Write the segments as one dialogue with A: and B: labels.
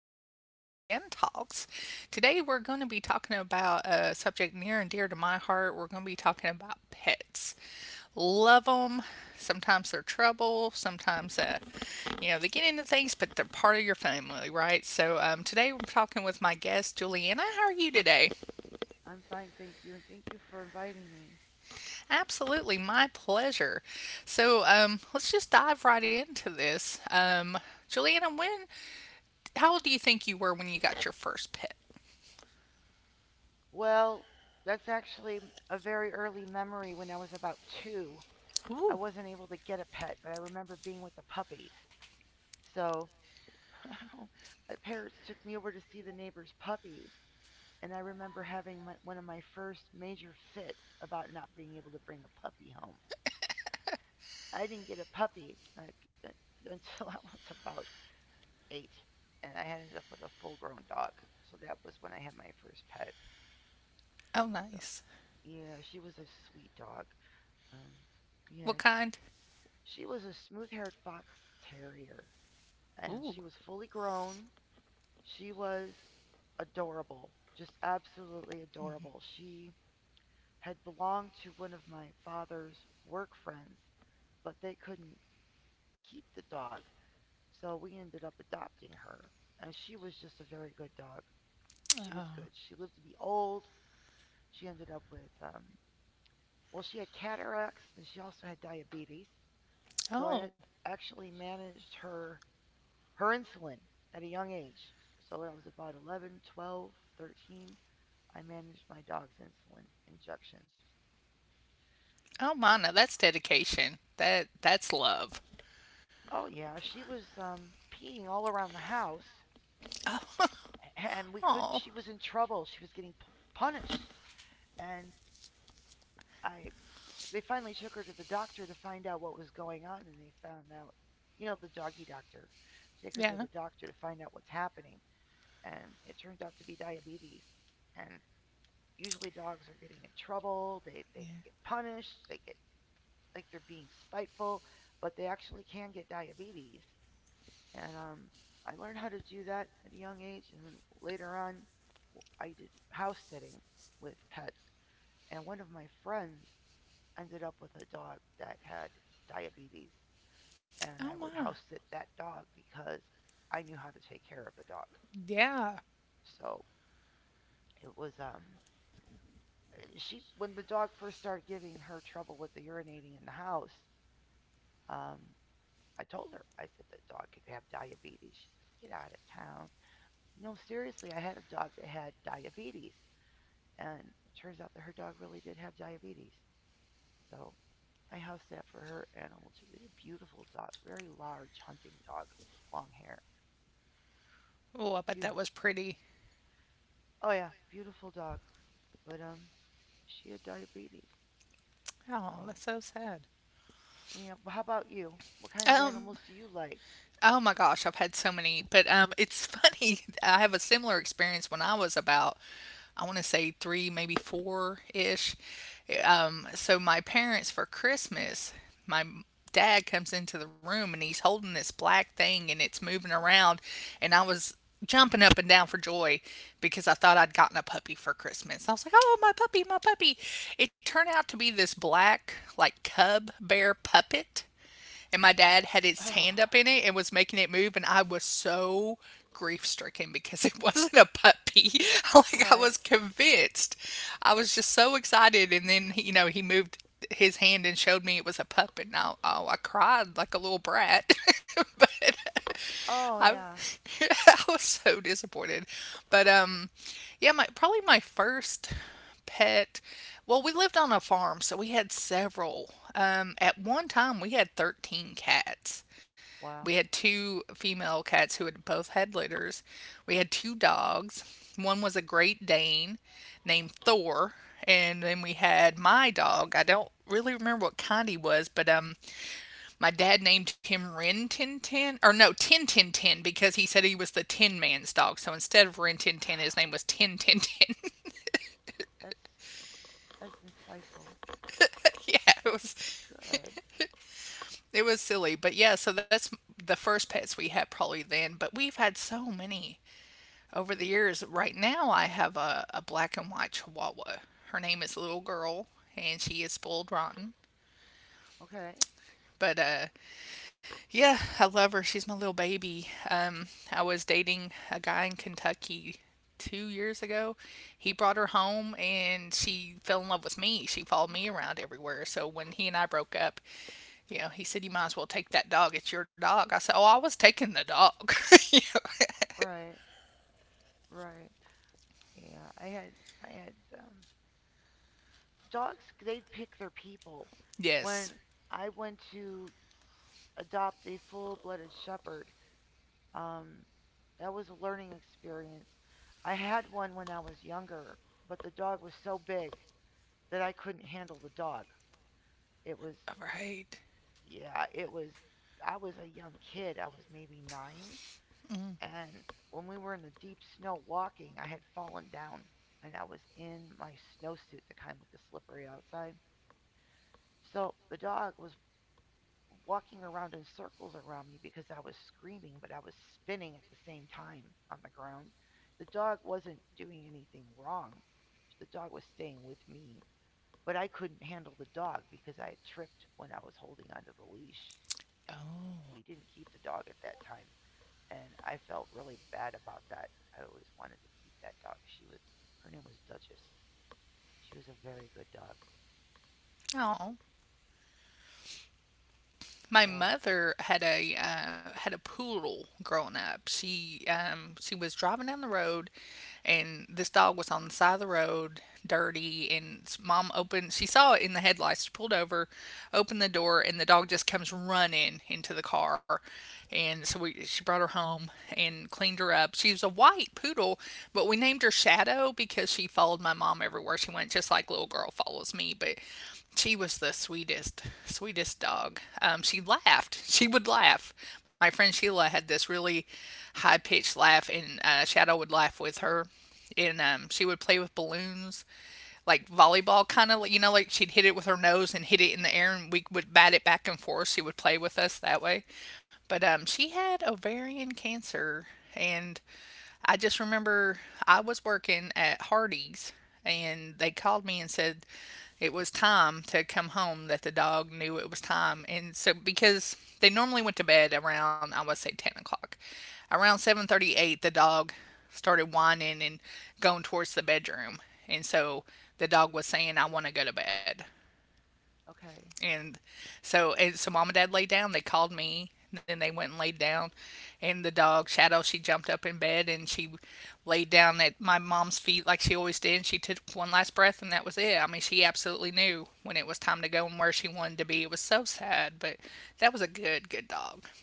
A: episode of Gen Talks. Today, we're going to be talking about a subject near and dear to my heart. We're going to be talking about pets. Love them. Sometimes they're trouble. Sometimes, they get into things, but they're part of your family, right? So, today we're talking with my guest, Juliana. How are you today?
B: I'm fine, thank you, and thank you for inviting me.
A: Absolutely, my pleasure. So, let's just dive right into this. Juliana, when how old do you think you were when you got your first pet?
B: Well, that's actually a very early memory when I was about two. I
A: Ooh.
B: wasn't able to get a pet, but I remember being with the puppies. So my parents took me over to see the neighbor's puppies, and I remember having one of my first major fits about not being able to bring a puppy home. I didn't get a puppy like, uh, until I was about eight, and I ended up with a full grown dog. So that was when I had my first pet.
A: Oh,
B: So
A: nice.
B: yeah, she was a sweet dog. Um, we
A: What kind?
B: She was a smooth-haired fox terrier, and she
A: Ooh.
B: was fully grown. She was adorable, just absolutely adorable. She had belonged to one of my father's work friends, but they couldn't keep the dog, so we ended up adopting her. And she was just a very good dog. She was
A: Oh,
B: good. She lived to be old. She ended up with well, she had cataracts and she also had diabetes. So
A: oh,
B: I actually managed her insulin at a young age. So when I was about 11, 12, 13, I managed my dog's insulin injections.
A: oh, Mana, that's dedication. That's love.
B: Oh yeah, she was peeing all around the house and we couldn't,
A: Oh,
B: she was in trouble. She was getting punished, and I they finally took her to the doctor to find out what was going on, and they found out, you know, the doggy doctor. Take her to
A: yeah,
B: the doctor to find out what's happening, and it turned out to be diabetes. And usually dogs are getting in trouble, they
A: yeah.
B: get punished, they get like they're being spiteful, but they actually can get diabetes. And I learned how to do that at a young age, and then later on, I did house sitting with pets, and one of my friends ended up with a dog that had diabetes,
A: Oh
B: and I
A: my,
B: would house sit that dog because I knew how to take care of the dog.
A: yeah.
B: So it was she, when the dog first started giving her trouble with the urinating in the house, um, I told her, I said that dog could have diabetes. She's like, get out of town. No, seriously, I had a dog that had diabetes, and it turns out that her dog really did have diabetes. So I house sat for her animal too. It's a beautiful dog, very large hunting dog, long hair.
A: Oh, I bet
B: Beau-
A: that was pretty.
B: oh yeah, beautiful dog. But she had diabetes.
A: Oh,
B: So
A: that's so sad.
B: yeah. But how about you? What kind of
A: Um,
B: animals do you like?
A: Oh my gosh, I've had so many, but it's funny. I have a similar experience when I was about, I want to say three, maybe four ish. So my parents for Christmas, my dad comes into the room and he's holding this black thing and it's moving around, and I was jumping up and down for joy because I thought I'd gotten a puppy for Christmas. I was like, "Oh, my puppy, my puppy!" It turned out to be this black like cub bear puppet and my dad had his
B: Oh.
A: hand up in it and was making it move and I was so grief stricken because it wasn't a puppy. Like I was
B: Right.
A: convinced. I was just so excited, and then he moved his hand and showed me it was a puppet, and I, oh, I cried like a little brat. But
B: Oh
A: I,
B: yeah.
A: I was so disappointed. But yeah, my probably my first pet. Well, we lived on a farm, so we had several. At one time we had 13 cats. We
B: Wow.
A: had two female cats who had both had litters. We had two dogs. One was a Great Dane named Thor, and then we had my dog. I don't really remember what kind he was, but my dad named him Rin Tin Tin, or no, Tin Tin Tin, because he said he was the Tin Man's dog. So instead of Rin Tin Tin, his name was Tin Tin Tin.
B: That's that's insightful.
A: Yeah, it
B: That's
A: was
B: good.
A: it was silly, but yeah. So that's the first pets we had probably then, but we've had so many over the years. Right now, I have a black and white Chihuahua. Her name is Little Girl, and she is spoiled rotten.
B: Okay.
A: But yeah, I love her. She's my little baby. I was dating a guy in Kentucky 2 years ago. He brought her home and she fell in love with me. She followed me around everywhere. So when he and I broke up, he said, "You might as well take that dog. It's your dog." I said, "Oh, I was taking the dog."
B: Right. Right. Yeah. I had dogs, they pick their people. When
A: Yes.
B: I went to adopt a full-blooded shepherd, um that was a learning experience. I had one when I was younger, but the dog was so big that I couldn't handle the dog. It was—
A: All right.
B: yeah, it was. I was a young kid. I was maybe nine. And when we were in the deep snow walking, I had fallen down, and I was in my snowsuit, the kind with the slippery outside. So the dog was walking around in circles around me because I was screaming, but I was spinning at the same time on the ground. The dog wasn't doing anything wrong. The dog was staying with me. But I couldn't handle the dog because I had tripped when I was holding onto the leash. And we
A: Oh.
B: didn't keep the dog at that time. And I felt really bad about that. I always wanted to keep that dog. Her name was Duchess. She was a very good dog.
A: Oh. My
B: So,
A: mother had a had a poodle growing up. She was driving down the road, and this dog was on the side of the road, dirty. And Mom opened, she saw it in the headlights. She pulled over, opened the door, and the dog just comes running into the car, and so we she brought her home and cleaned her up. She was a white poodle, but we named her Shadow because she followed my mom everywhere she went, just like little girl follows me. But she was the sweetest, sweetest dog. She laughed. She would laugh. My friend Sheila had this really high pitched laugh, and Shadow would laugh with her. And she would play with balloons like volleyball kind of, like she'd hit it with her nose and hit it in the air and we would bat it back and forth. She would play with us that way. But she had ovarian cancer, and I just remember I was working at Hardy's, and they called me and said it was time to come home, that the dog knew it was time. And so, because they normally went to bed around, I would say, 10 o'clock, around 7:38 the dog started whining and going towards the bedroom. And so the dog was saying, "I want to go to bed."
B: okay.
A: And and so Mom and Dad laid down. They called me. Then they went and laid down. And the dog, Shadow, she jumped up in bed and she laid down at my mom's feet like she always did. And she took one last breath, and that was it. I mean, she absolutely knew when it was time to go and where she wanted to be. It was so sad, but that was a good, good dog.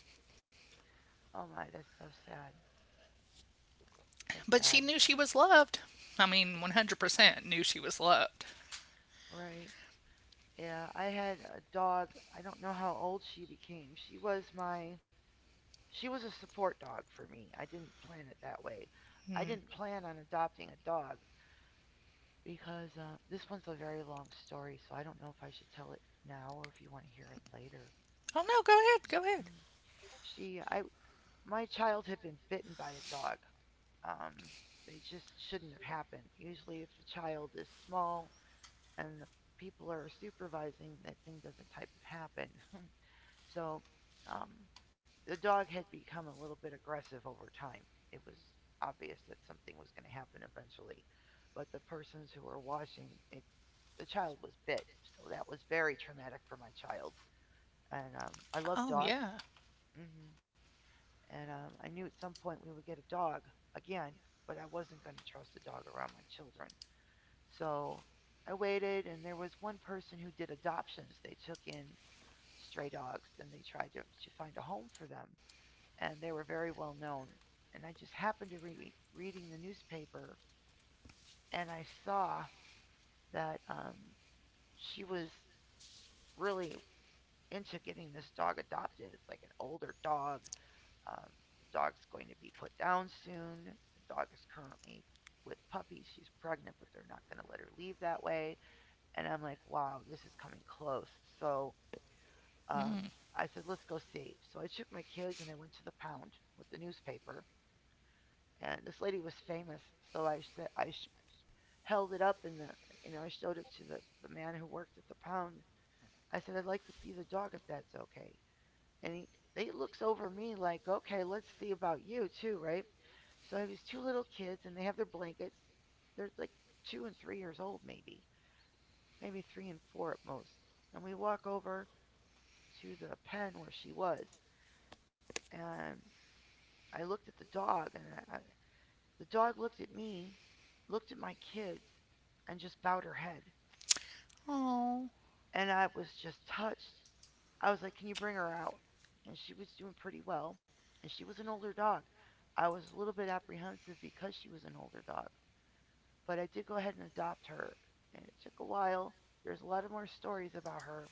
B: Oh my, that's so sad. That's
A: But
B: sad.
A: she knew she was loved. I mean, 100% knew she was loved.
B: Right. Yeah, I had a dog. I don't know how old she became. She was a support dog for me. I didn't plan it that way. I didn't plan on adopting a dog, because this one's a very long story, so I don't know if I should tell it now or if you want to hear it later.
A: Oh, no, go ahead. Go
B: Mm.
A: ahead.
B: She, I, my child had been bitten by a dog. Um, it just shouldn't have happened. Usually, if the child is small and the people are supervising, that thing doesn't type of happen. So, um, the dog had become a little bit aggressive over time. It was obvious that something was going to happen eventually, but the persons who were watching it, the child was bit, so that was very traumatic for my child. And I love
A: Oh,
B: dogs,
A: yeah.
B: hmm and I knew at some point we would get a dog again, but I wasn't going to trust a dog around my children. So I waited, and there was one person who did adoptions. They took in stray dogs, then they tried to find a home for them, and they were very well known. And I just happened to be reading the newspaper, and I saw that she was really into getting this dog adopted. It's like an older dog. Um, the dog's going to be put down soon. The dog is currently with puppies. She's pregnant, but they're not going to let her leave that way. And I'm like, wow, this is coming close. So um, I said, let's go see. So I took my kids and I went to the pound with the newspaper, and this lady was famous. So I said, I held it up, and the you know I showed it to the man who worked at the pound. I said I'd like to see the dog if that's okay. And he looks over me like, okay, let's see about you too, right. So I have these two little kids and they have their blankets. They're like 2 and 3 years old, maybe maybe three and four at most. And we walk over to the pen where she was, and I looked at the dog and I The dog looked at me, looked at my kids, and just bowed her head.
A: Oh.
B: And I was just touched. I was like, can you bring her out? And she was doing pretty well. And she was an older dog. I was a little bit apprehensive because she was an older dog. But I did go ahead and adopt her. And it took a while. There's a lot of more stories about her.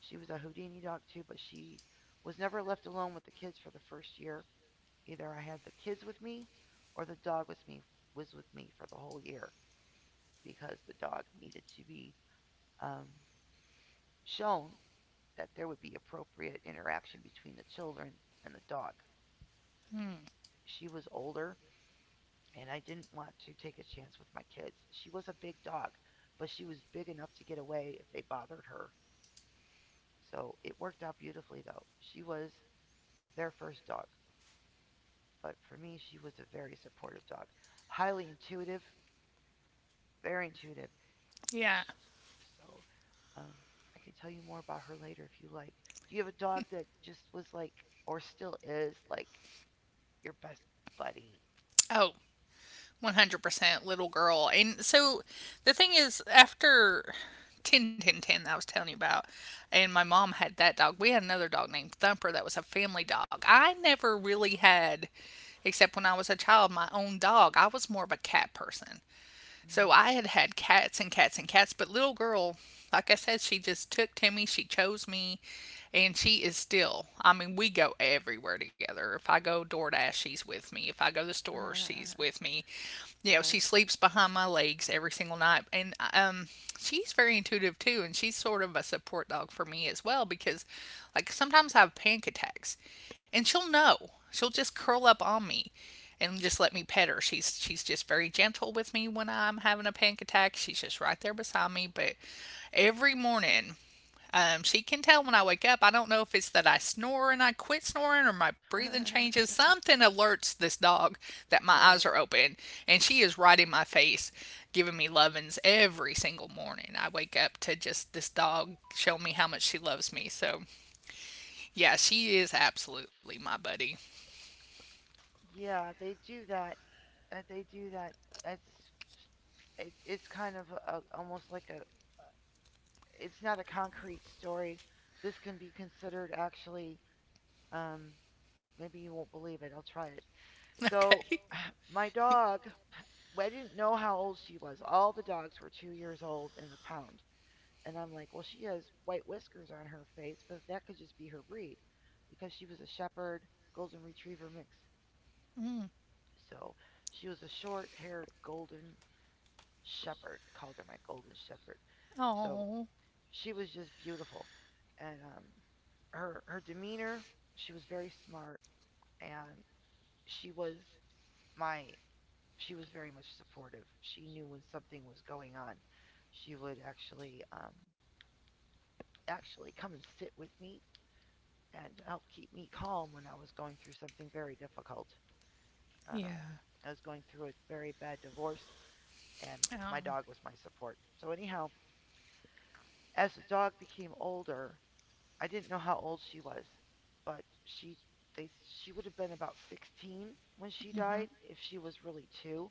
B: She was a Houdini dog too, but she was never left alone with the kids for the first year. Either I had the kids with me or the dog with me was with me for the whole year, because the dog needed to be um, shown that there would be appropriate interaction between the children and the dog.
A: Hmm.
B: She was older, and I didn't want to take a chance with my kids. She was a big dog, but she was big enough to get away if they bothered her. So it worked out beautifully, though. She was their first dog, but for me, she was a very supportive dog. Highly intuitive, very intuitive.
A: Yeah.
B: So, um, I can tell you more about her later if you like. Do you have a dog that just was like, or still is like, your best buddy?
A: Oh, 100% little girl. And so the thing is, after 10, 10, 10, that I was telling you about, and my mom had that dog, we had another dog named Thumper that was a family dog. I never really had, except when I was a child, my own dog. I was more of a cat person. So
B: Mm.
A: I had had cats and cats and cats, but little girl, like I said, she just took to me, she chose me, and she is still. I mean, we go everywhere together. If I go DoorDash, she's with me. If I go to the store, she's with me. She
B: Right.
A: sleeps behind my legs every single night. And she's very intuitive too. And she's sort of a support dog for me as well because, like, sometimes I have panic attacks and she'll know. She'll just curl up on me and just let me pet her. She's just very gentle with me when I'm having a panic attack. She's just right there beside me. But every morning she can tell when I wake up. I don't know if it's that I snore and I quit snoring or my breathing changes. Something alerts this dog that my eyes
B: Right.
A: are open, and she is right in my face, giving me lovin's every single morning. I wake up to just this dog showing me how much she loves me. So, yeah, she is absolutely my buddy.
B: Yeah, they do that. They do that. That's— it's kind of a, almost like a— it's not a concrete story. This can be considered actually. Um, Maybe you won't believe it. I'll try it. So,
A: Okay.
B: my dog— well, I didn't know how old she was. All the dogs were 2 years old in the pound. And I'm like, well, she has white whiskers on her face, but that could just be her breed because she was a shepherd golden retriever mix.
A: Mm.
B: So she was a short haired golden shepherd. I called her my golden shepherd. So
A: Oh,
B: she was just beautiful. And her demeanor, she was very smart. And she was my she was very much supportive. She knew when something was going on. She would actually come and sit with me and help keep me calm when I was going through something very difficult. Um,
A: yeah.
B: I was going through a very bad divorce, and
A: Oh,
B: my dog was my support. So anyhow, as the dog became older, I didn't know how old she was, but they she would have been about 16 when she died if she was really two.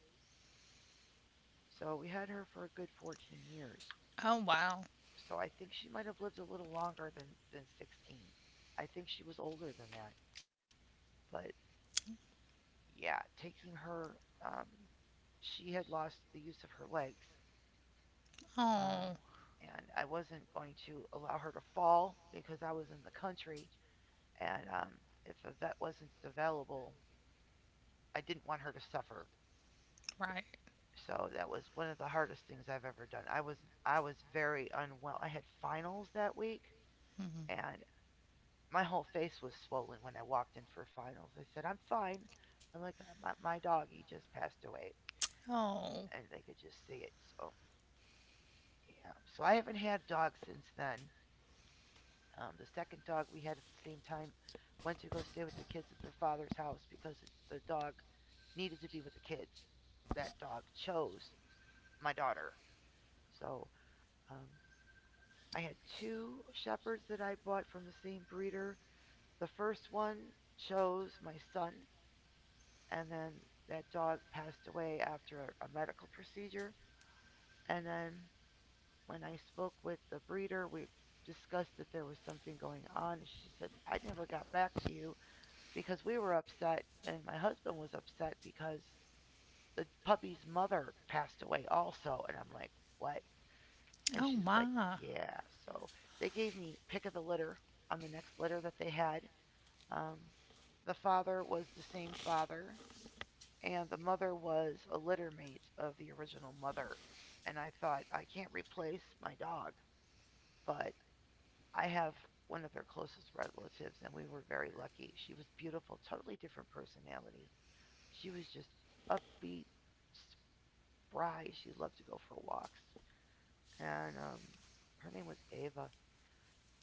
B: So we had her for a good 14 years.
A: oh wow.
B: So I think she might have lived a little longer than 16. I think she was older than that. But yeah, taking her, um, she had lost the use of her legs.
A: Oh,
B: Um, and I wasn't going to allow her to fall because I was in the country. And if a vet wasn't available, I didn't want her to suffer.
A: right.
B: So that was one of the hardest things I've ever done. I was very unwell. I had finals that week,
A: Mm.
B: and my whole face was swollen when I walked in for finals. I said, "I'm fine." I'm like, "My dog, he just passed away."
A: Oh,
B: And they could just see it. So, yeah. So I haven't had dogs since then. The second dog we had at the same time went to go stay with the kids at their father's house because the dog needed to be with the kids. That dog chose my daughter. So um, I had two shepherds that I bought from the same breeder. The first one chose my son, and then that dog passed away after a medical procedure. And then when I spoke with the breeder, we discussed that there was something going on. And she said, "I never got back to you because we were upset, and my husband was upset because the puppy's mother passed away also." And I'm like, "What?" And
A: oh
B: she's like,
A: my.
B: "Yeah." So they gave me pick of the litter on the next litter that they had. Um, the father was the same father, and the mother was a litter mate of the original mother. And I thought, I can't replace my dog, but I have one of their closest relatives, and we were very lucky. She was beautiful, totally different personality. She was just upbeat, spry. She loved to go for walks. And Her name was Ava,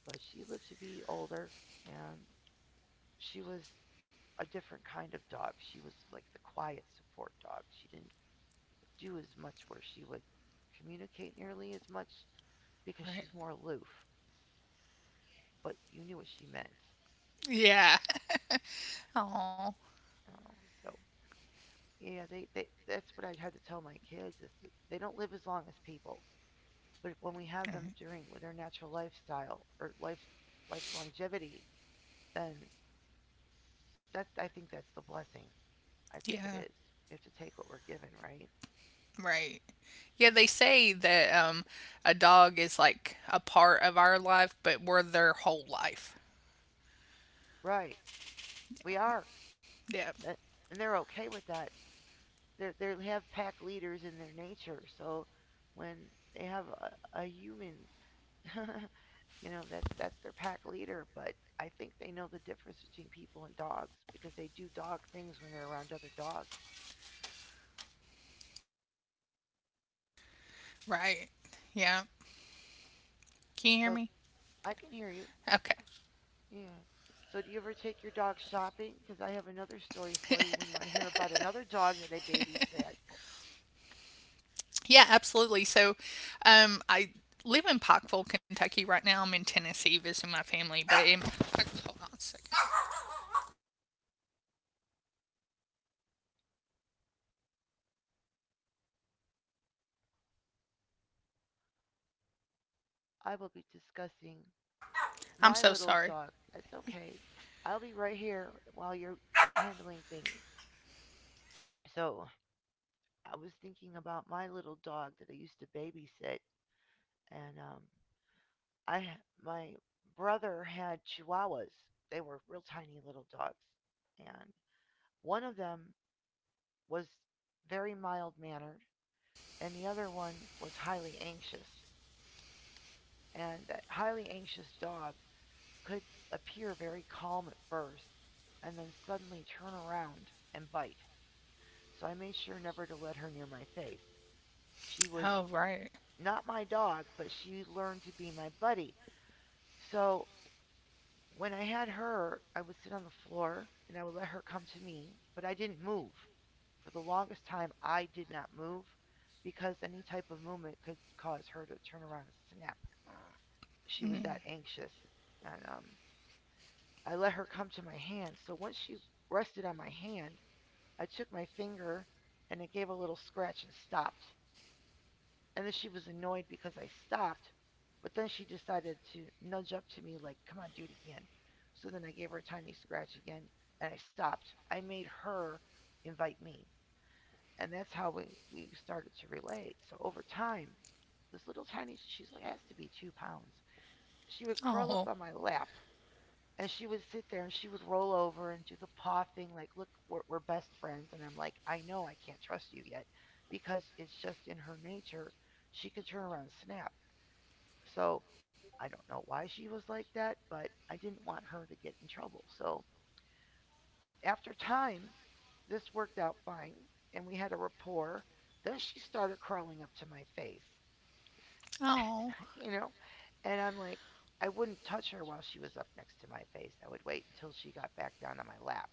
B: but she lived to be older, and she was a different kind of dog. She was like the quiet support dog. She didn't do as much where she would communicate nearly as much because
A: Right.
B: she's more aloof, but you knew what she meant.
A: Yeah. Oh,
B: Oh, so yeah, they, that's what I had to tell my kids, is that they don't live as long as people, but when we have them during their natural lifestyle or life longevity, then that, I think that's the blessing. I think it
A: yeah,
B: is. We have to take what we're given, right?
A: right. Yeah, they say that a dog is like a part of our life, but we're their whole life.
B: Right. We are.
A: Yeah,
B: That, and they're okay with that. They have pack leaders in their nature. So when they have a human, that's their pack leader. But I think they know the difference between people and dogs, because they do dog things when they're around other dogs.
A: right. Yeah. Can you hear
B: So
A: me?
B: I can hear you.
A: Okay.
B: Yeah. So do you ever take your dog shopping? Because I have another story for you when you want to hear about another dog that I babysat.
A: Yeah, absolutely. So, I live in Pikeville, Kentucky right now. I'm in Tennessee visiting my family, but in Pikeville, hold on a second.
B: I will be discussing
A: I'm
B: my
A: so
B: little
A: sorry.
B: dog. It's okay. I'll be right here while you're handling things. So I was thinking about my little dog that I used to babysit, and I my brother had Chihuahuas. They were real tiny little dogs, and one of them was very mild mannered, and the other one was highly anxious. And that highly anxious dog could appear very calm at first, and then suddenly turn around and bite. So I made sure never to let her near my face. She
A: Oh,
B: was
A: right.
B: Not my dog, but she learned to be my buddy. So when I had her, I would sit on the floor and I would let her come to me, but I didn't move. For the longest time, I did not move, because any type of movement could cause her to turn around and snap. She was
A: Mm.
B: that anxious. And I let her come to my hand. So once she rested on my hand, I took my finger and it gave a little scratch and stopped. And then she was annoyed because I stopped, but then she decided to nudge up to me like, "Come on, do it again." So then I gave her a tiny scratch again, and I stopped. I made her invite me, and that's how we started to relate. So over time, this little tiny, she's like, has to be 2 pounds. She would curl up
A: Oh,
B: on my lap, and she would sit there and she would roll over and do the paw thing, like, "Look, we're best friends." And I'm like, "I know I can't trust you yet." Because it's just in her nature, she can turn around and snap. So I don't know why she was like that, but I didn't want her to get in trouble. So after time, this worked out fine and we had a rapport. Then she started crawling up to my face,
A: oh,
B: you know? And I'm like, I wouldn't touch her while she was up next to my face. I would wait until she got back down on my lap.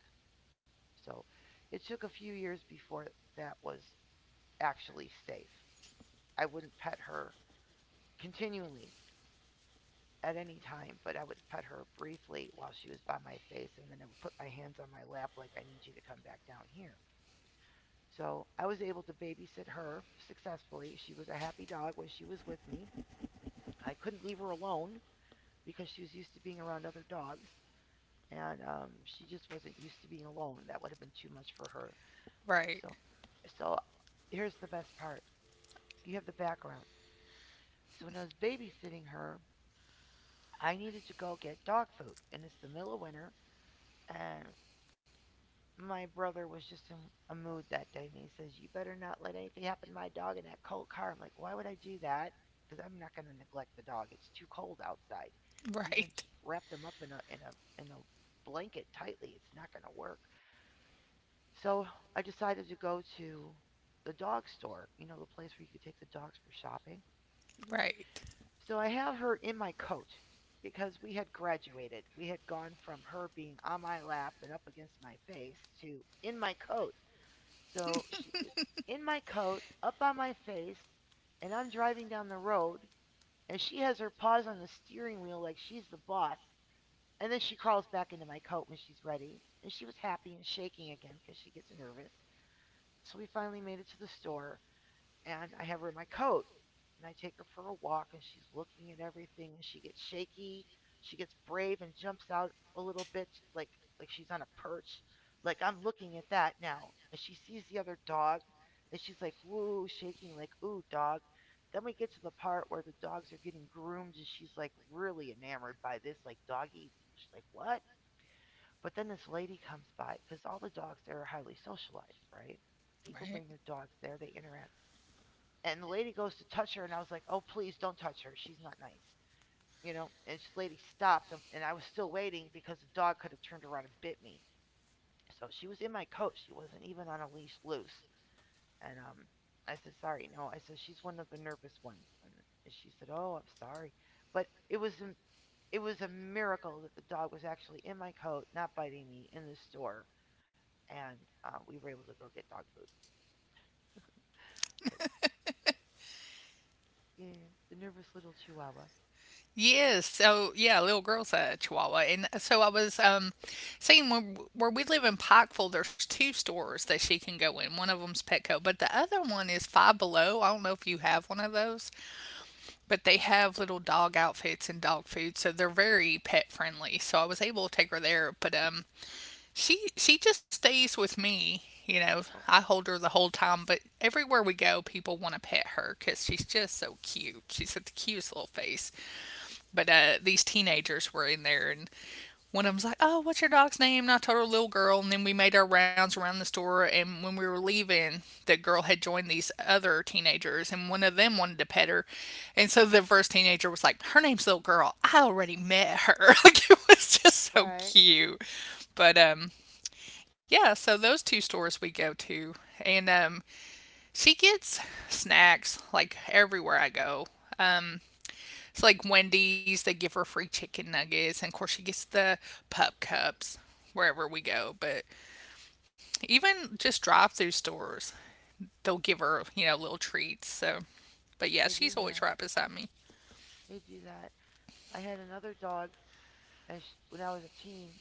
B: So it took a few years before that was actually safe. I wouldn't pet her continually at any time, but I would pet her briefly while she was by my face, and then I would put my hands on my lap like, I need you to come back down here. So I was able to babysit her successfully. She was a happy dog when she was with me. I couldn't leave her alone because she was used to being around other dogs, and she just wasn't used to being alone. That would have been too much for her.
A: right,
B: So, so, here's the best part. You have the background. So when I was babysitting her, I needed to go get dog food, and it's the middle of winter, and my brother was just in a mood that day, and he says, "You better not let anything happen to my dog in that cold car." I'm like, "Why would I do that?" Because I'm not going to neglect the dog. It's too cold outside. Even
A: right,
B: to wrap them up in a blanket tightly, it's not going to work. So I decided to go to the dog store. You know, the place where you could take the dogs for shopping. Mm-hmm.
A: right,
B: So I have her in my coat, because we had graduated. We had gone from her being on my lap and up against my face to in my coat. So she was in my coat, up on my face, and I'm driving down the road, and she has her paws on the steering wheel like she's the boss. And then she crawls back into my coat when she's ready. And she was happy and shaking again because she gets nervous. So we finally made it to the store, and I have her in my coat. And I take her for a walk, and she's looking at everything. And she gets shaky. She gets brave and jumps out a little bit, like like she's on a perch. Like I'm looking at that now. And she sees the other dog, and she's like, "Woo!" shaking, like, "Ooh, dog." Then we get to the part where the dogs are getting groomed, and she's like really enamored by this, like, doggy. She's like, "What?" But then this lady comes by, because all the dogs there are highly socialized, right? People
A: right.
B: bring their dogs there. They interact, and the lady goes to touch her, and I was like, "Oh, please don't touch her, she's not nice." And this lady stopped, and I was still waiting, because the dog could have turned around and bit me. So she was in my coat, she wasn't even on a leash loose. And I said, sorry, no, I said, she's one of the nervous ones. And she said, oh, I'm sorry. But it was a miracle that the dog was actually in my coat not biting me in the store. And we were able to go get dog food, but yeah, the nervous little Chihuahua.
A: Yes, so yeah, little girl's a Chihuahua, and so I was seeing where we live in Pikeville. There's two stores that she can go in. One of them's Petco, but the other one is Five Below. I don't know if you have one of those, but they have little dog outfits and dog food, so they're very pet friendly. So I was able to take her there, but she just stays with me.
B: Oh,
A: I hold her the whole time, but everywhere we go, people want to pet her because she's just so cute. She's got the cutest little face. But these teenagers were in there, and one of them's like, "Oh, what's your dog's name?" And I told her little girl, and then we made our rounds around the store. And when we were leaving, the girl had joined these other teenagers, and one of them wanted to pet her, and so the first teenager was like, "Her name's little girl. I already met her." Like, it was just so
B: right.
A: cute. But yeah, so those two stores we go to, and she gets snacks like everywhere I go. It's like Wendy's, they give her free chicken nuggets, and of course she gets the pup cups wherever we go. But even just drive through stores, they'll give her, little treats. So but yeah,
B: they
A: she's
B: do
A: always
B: that
A: right beside me.
B: They do that. I had another dog as when I was a teen,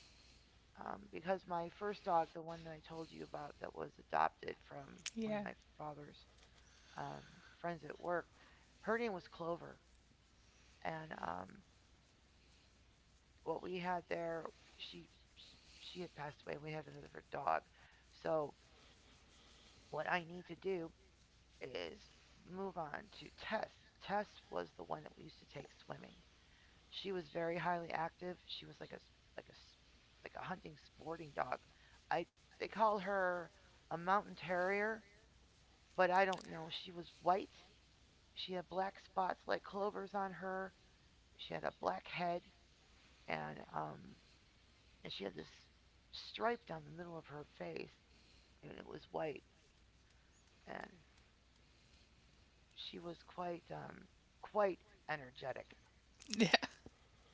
B: because my first dog, the one that I told you about that was adopted from one
A: Yeah.
B: of my father's um, friends at work, her name was Clover. And What we had there, she she had passed away and we had another dog. So what I need to do is move on to Tess. Tess was the one that we used to take swimming. She was very highly active. She was like like a a hunting sporting dog. I, they call her a mountain terrier, but I don't know. She was white. She had black spots like clovers on her. She had a black head, and um and she had this stripe down the middle of her face, and it was white, and she was quite energetic,
A: Yeah.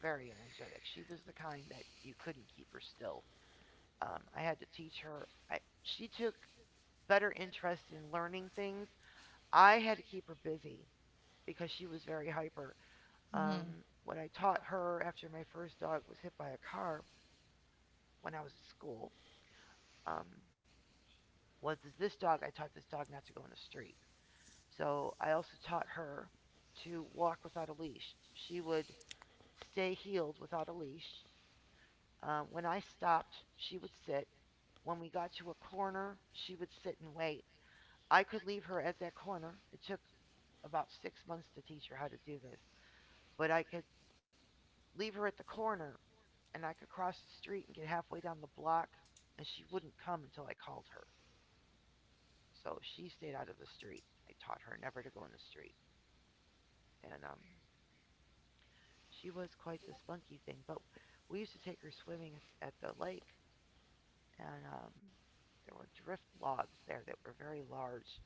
B: very energetic. She was the kind that you couldn't keep her still. I had to teach her. I, she took better interest in learning things. I had to keep her busy because she was very hyper.
A: Mm.
B: What I taught her after my first dog was hit by a car when I was at school um, was this dog. I taught this dog not to go in the street. So I also taught her to walk without a leash. She would stay heeled without a leash. When I stopped, she would sit. When we got to a corner, she would sit and wait. I could leave her at that corner. It took about 6 months to teach her how to do this, but I could leave her at the corner and I could cross the street and get halfway down the block, and she wouldn't come until I called her. So she stayed out of the street. I taught her never to go in the street. And she was quite the spunky thing, but we used to take her swimming at the lake, and there were drift logs there that were very large.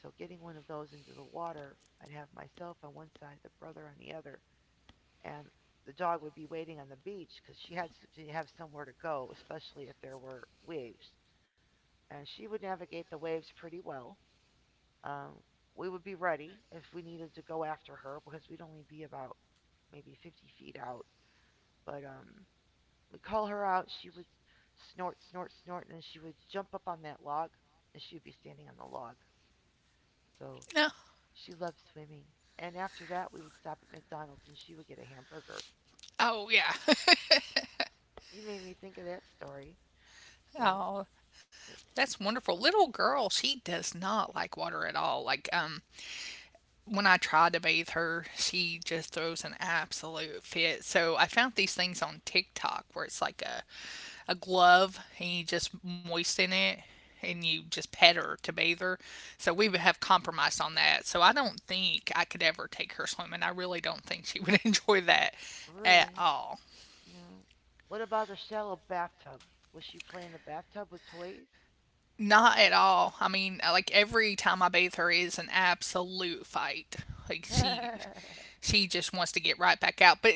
B: So getting one of those into the water, I'd have myself on one side, the brother on the other, and the dog would be waiting on the beach because she had to have somewhere to go, especially if there were waves. And she would navigate the waves pretty well. Um, we would be ready if we needed to go after her because we'd only be about maybe 50 feet out. But we call her out. She would snort, snort, snort, and she would jump up on that log and she would be standing on the log. So
A: No.
B: she loved swimming. And after that, we would stop at McDonald's and she would get a hamburger.
A: Oh yeah.
B: You made me think of that story. So
A: Oh. That's wonderful. Little girl, she does not like water at all. Like when I try to bathe her, she just throws an absolute fit. So I found these things on TikTok where it's like a glove and you just moisten it and you just pet her to bathe her. So we would have compromised on that. So I don't think I could ever take her swimming. I really don't think she would enjoy that at
B: really?
A: all.
B: No. What about the shallow bathtub? Was she playing the bathtub with toys?
A: Not at all. I mean, like every time I bathe her is an absolute fight. Like she she just wants to get right back out. But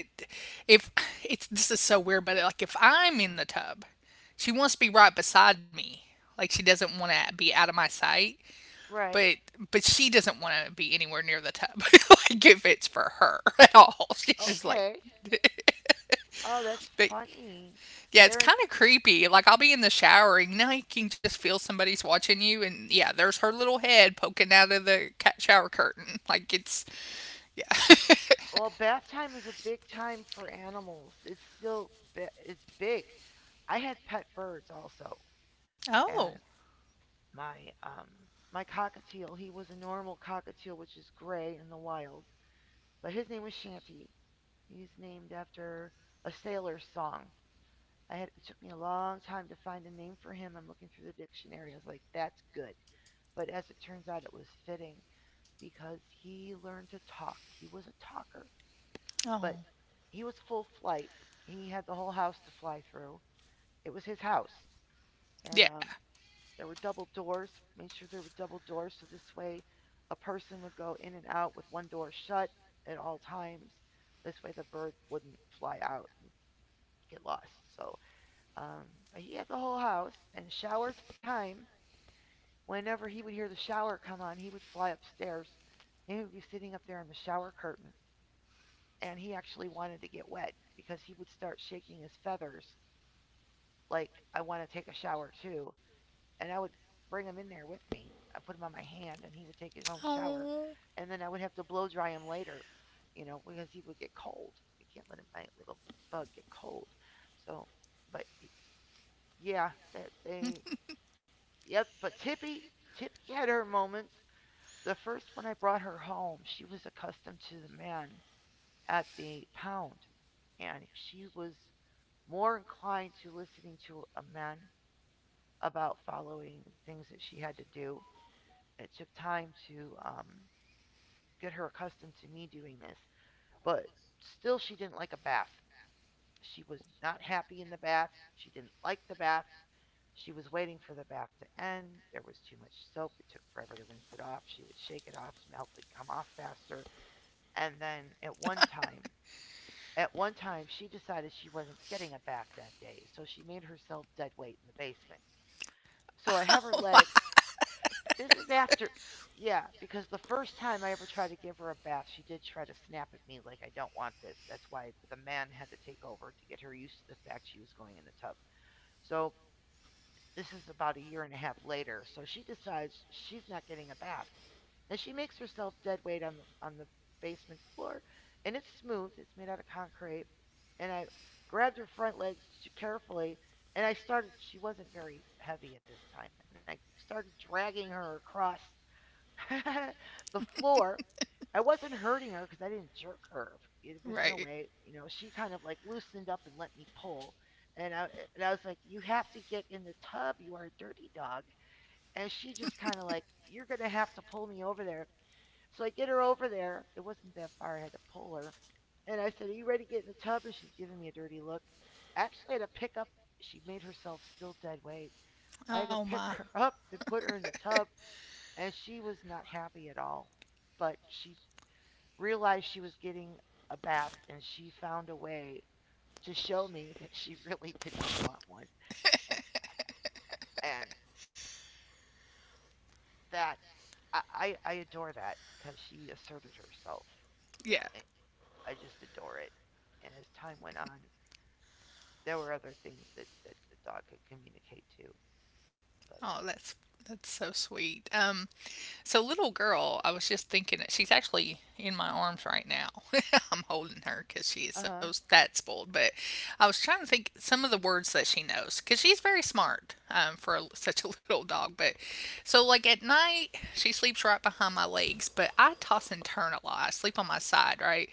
A: if it's this is so weird, but like if I'm in the tub, she wants to be right beside me. Like she doesn't want to be out of my sight,
B: Right.
A: but but she doesn't want to be anywhere near the tub. Like if it's for her at all, she's just like.
B: Okay. Oh, that's
A: But
B: funny.
A: yeah, it's
B: They're
A: kind of creepy. Like I'll be in the shower and now you can just feel somebody's watching you, and yeah, there's her little head poking out of the shower curtain. Like it's, yeah.
B: well, bath time is a big time for animals. It's still it's big. I had pet birds also, and
A: Oh,
B: my my cockatiel. He was a normal cockatiel, which is gray in the wild, but his name was Shanty. He's named after a sailor's song. I had it took me a long time to find a name for him. I'm looking through the dictionary. I was like, that's good. But as it turns out, it was fitting because he learned to talk. He was a talker, but
A: oh,
B: he was full flight. He had the whole house to fly through. It was his house, and
A: yeah.
B: there were double doors. Made sure there were double doors so this way, a person would go in and out with one door shut at all times. This way, the bird wouldn't fly out and get lost. So um, but he had the whole house, and shower time, whenever he would hear the shower come on, he would fly upstairs and he would be sitting up there in the shower curtain. And he actually wanted to get wet because he would start shaking his feathers like, I want to take a shower too. And I would bring him in there with me. I put him on my hand and he would take his own shower.
A: Oh,
B: And then I would have to blow dry him later, you know, because he would get cold. You can't let him, my little bug, get cold. So, but yeah, that they yep, but Tippy, Tippy had her moments. The first when I brought her home, she was accustomed to the man at the pound, and she was more inclined to listening to a man about following things that she had to do. It took time to get her accustomed to me doing this, but still, she didn't like a bath. She was not happy in the bath. She didn't like the bath. She was waiting for the bath to end. There was too much soap. It took forever to rinse it off. She would shake it off to help it come off faster. And then at one time, she decided she wasn't getting a bath that day, so she made herself dead weight in the basement. So I have her
A: oh my.
B: legs. This is after, yeah, because the first time I ever tried to give her a bath, she did try to snap at me like, I don't want this. That's why the man had to take over to get her used to the fact she was going in the tub. So this is about a year and a half later. So she decides she's not getting a bath. Now she makes herself dead weight on the basement floor, and it's smooth. It's made out of concrete. And I grabbed her front legs carefully, and I started. She wasn't very heavy at this time, and I started dragging her across the floor. I wasn't hurting her because I didn't jerk her. It was no
A: Right.
B: way, you know. She kind of like loosened up and let me pull, and I was like, "You have to get in the tub. You are a dirty dog." And she just kind of like, "You're gonna have to pull me over there." So I get her over there. It wasn't that far. I had to pull her, and I said, "Are you ready to get in the tub?" And she's giving me a dirty look. Actually, I had to pick up. She made herself still dead weight. I had to
A: Oh
B: pick
A: my.
B: her up and put her in the tub, and she was not happy at all. But she realized she was getting a bath and she found a way to show me that she really didn't want one. And, and that, adore that because she asserted herself.
A: Yeah.
B: I- just adore it. And as time went on, there were other things that the dog could communicate to. But,
A: Oh, that's so sweet. So little girl, I was just thinking that she's actually in my arms right now. I'm holding her because she
B: uh
A: is
B: huh,
A: so that spoiled. But I was trying to think some of the words that she knows because she's very smart, for such a little dog. But so like at night, she sleeps right behind my legs, but I toss and turn a lot. I sleep on my side, right?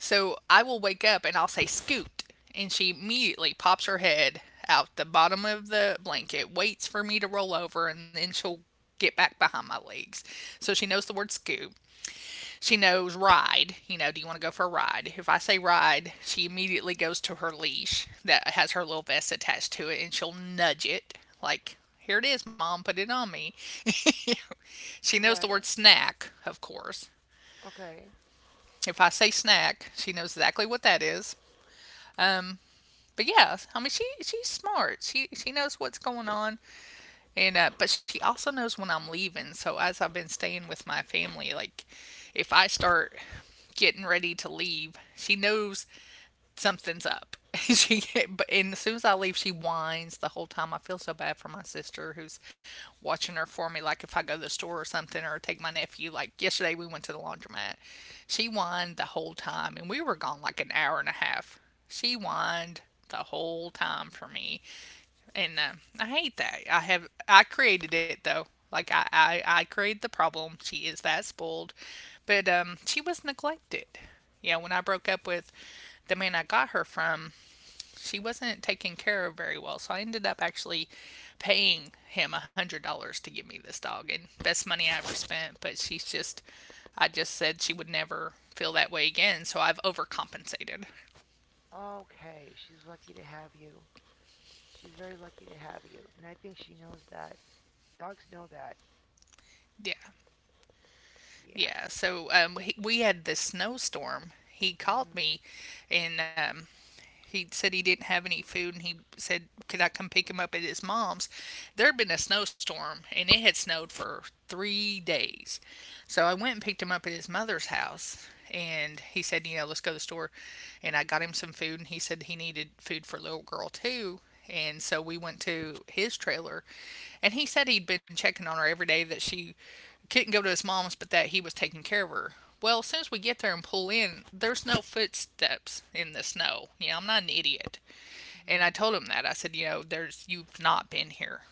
A: So I will wake up and I'll say scoot, and she immediately pops her head out the bottom of the blanket, waits for me to roll over, and then she'll get back behind my legs. So she knows the word scoop. She knows ride. You know, do you want to go for a ride? If I say ride, she immediately goes to her leash that has her little vest attached to it and she'll nudge it like, here it is, mom, put it on me. She knows the word
B: right,
A: snack, of course.
B: okay,
A: If I say snack, she knows exactly what that is. Um, but yeah, I mean she's smart. She knows what's going on. And but she also knows when I'm leaving. So as I've been staying with my family, like if I start getting ready to leave, she knows something's up. she but and as soon as I leave, she whines the whole time. I feel so bad for my sister who's watching her for me. Like if I go to the store or something, or take my nephew. Like yesterday, we went to the laundromat. She whined the whole time, and we were gone like 1.5 hours. She whined the whole time for me. And I hate that. I created it though. Like I created the problem. She is that spoiled, but she was neglected. Yeah, when I broke up with the man I got her from, she wasn't taken care of very well. So I ended up actually paying him $100 to give me this dog, and best money I ever spent. But she's just, I just said she would never feel that way again. So I've overcompensated.
B: okay. She's lucky to have you. She's very lucky to have you. And I think she knows that. Dogs know that.
A: Yeah.
B: Yeah.
A: Yeah, so we had this snowstorm. He
B: Hmm.
A: called me and he said he didn't have any food and he said, could I come pick him up at his mom's? There had been a snowstorm and it had snowed for 3 days. So I went and picked him up at his mother's house and he said, you know, let's go to the store. And I got him some food and he said he needed food for little girl too. And so we went to his trailer and he said he'd been checking on her every day that she couldn't go to his mom's, but that he was taking care of her. Well, as soon as we get there and pull in, there's no footsteps in the snow. You know, I'm not an idiot. And I
B: Hmm.
A: told him that. I said, you know, there's you've not been here.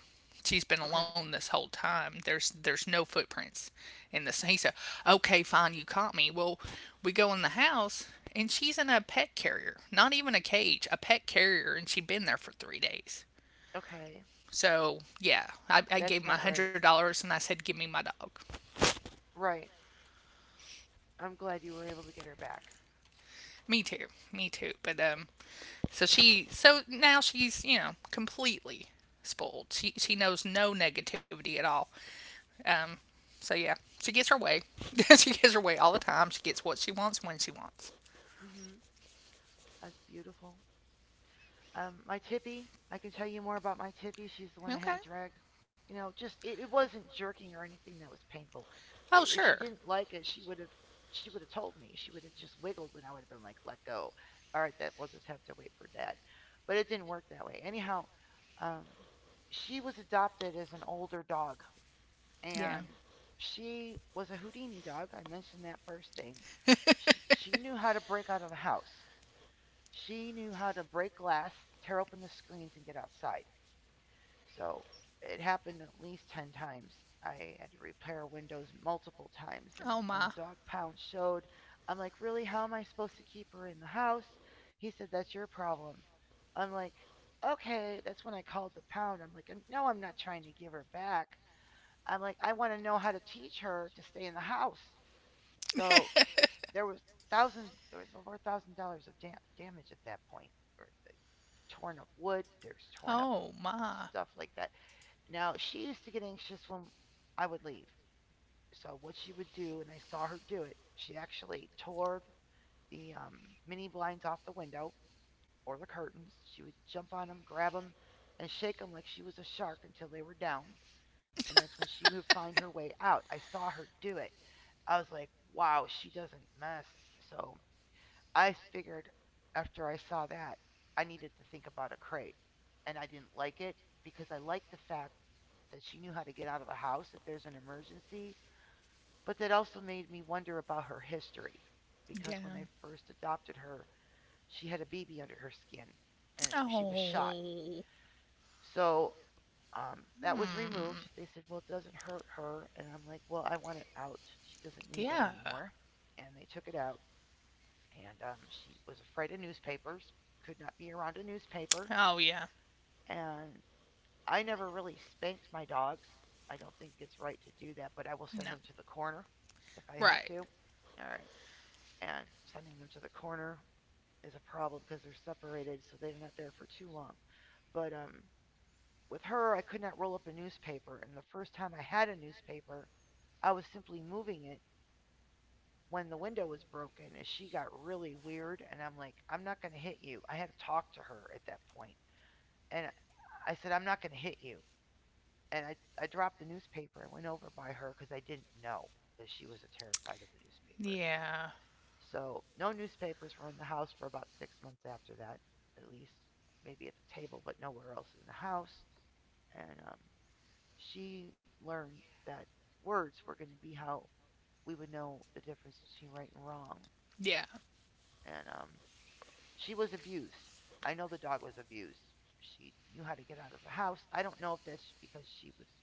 A: She's been
B: Okay.
A: alone this whole time. There's no footprints in the snow. He said, okay, fine, you caught me. Well, we go in the house and she's in a pet carrier, not even a cage, a pet carrier, and she'd been there for 3 days.
B: Okay.
A: So yeah, I gave
B: That's
A: him a
B: not
A: hundred
B: right.
A: dollars and I said, give me my dog.
B: Right. I'm glad you were able to get her back.
A: Me too. Me too. But so now she's, you know, completely spoiled. She knows no negativity at all. Um so yeah, she gets her way. She gets her way all the time. She gets what she wants when she wants.
B: Mm hmm. That's beautiful. My Tippy. I can tell you more about my Tippy. She's the one I had to
A: Okay.
B: drag. You know, just it wasn't jerking or anything that was painful.
A: Oh
B: If she
A: sure.
B: didn't like it, she would have told me. She would have just wiggled, and I would have been like, "Let go." All right, that we'll just have to wait for dad. But it didn't work that way. Anyhow, um, she was adopted as an older dog
A: Yeah.
B: and she was a Houdini dog. I mentioned that first thing. She knew how to break out of the house. She knew how to break glass, tear open the screens, and get outside. So it happened at least 10 times. I had to repair windows multiple times. And
A: oh
B: when the
A: my.
B: dog pound showed, I'm like, really? How am I supposed to keep her in the house? He said, that's your problem. I'm like, okay. That's when I called the pound. I'm like, no, I'm not trying to give her back. I'm like, I want to know how to teach her to stay in the house. So there was there was over $1,000 of damage at that point. Or like, torn up wood. There's torn up
A: oh my.
B: stuff like that. Now she used to get anxious when I would leave. So what she would do, and I saw her do it, she actually tore the mini blinds off the window or the curtains. She would jump on them, grab them, and shake them like she was a shark until they were down, and that's when she would find her way out. I saw her do it. I was like, wow, she doesn't mess. So I figured after I saw that, I needed to think about a crate. And I didn't like it because I liked the fact that she knew how to get out of the house if there's an emergency. But that also made me wonder about her history because when I
A: Yeah.
B: first adopted her, she had a baby under her skin and she was shot.
A: Oh.
B: So that was removed.
A: Hmm.
B: They said, well, it doesn't hurt her. And I'm like, well, I want it out. She doesn't need that
A: Yeah.
B: anymore. And they took it out. And she was afraid of newspapers, could not be around a newspaper.
A: Oh yeah.
B: And I never really spanked my dogs. I don't think it's right to do that, but I will send
A: No.
B: them to the corner if I have to.
A: Right.
B: All right. And sending them to the corner is a problem because they're separated, so they're not there for too long. But with her I could not roll up a newspaper, and the first time I had a newspaper, I was simply moving it when the window was broken and she got really weird and I'm like, "I'm not going to hit you." I had to talk to her at that point. And I said, "I'm not going to hit you." And I dropped the newspaper and went over by her cuz I didn't know that she was terrified of the newspaper.
A: Yeah.
B: So, no newspapers were in the house for about 6 months after that, at least maybe at the table, but nowhere else in the house. And she learned that words were going to be how we would know the difference between right and wrong.
A: Yeah.
B: And she was abused. I know the dog was abused. She knew how to get out of the house. I don't know if that's because she was.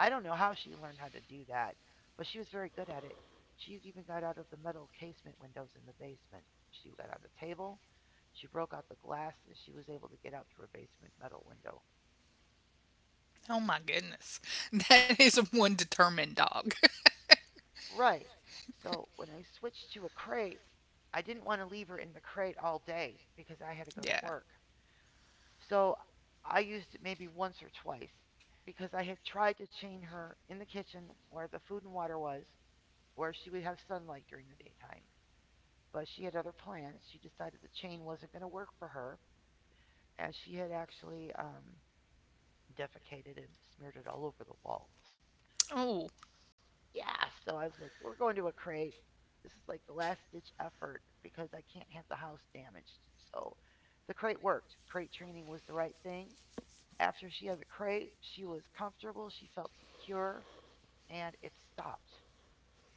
B: I don't know how she learned how to do that, but she was very good at it. She even got out of the metal casement windows in the basement. She got on the table. She broke out the glass and she was able to get out through a basement metal window.
A: Oh my goodness. That is one determined dog.
B: Right. So when I switched to a crate, I didn't want to leave her in the crate all day because I had to go to
A: Yeah.
B: work. So I used it maybe once or twice because I had tried to chain her in the kitchen where the food and water was, where she would have sunlight during the daytime. But she had other plans. She decided the chain wasn't going to work for her, and she had actually defecated and smeared it all over the walls.
A: Oh,
B: Yeah. So I was like, we're going to a crate. This is like the last ditch effort because I can't have the house damaged. So the crate worked. Crate training was the right thing. After she had the crate, she was comfortable, she felt secure, and it stopped.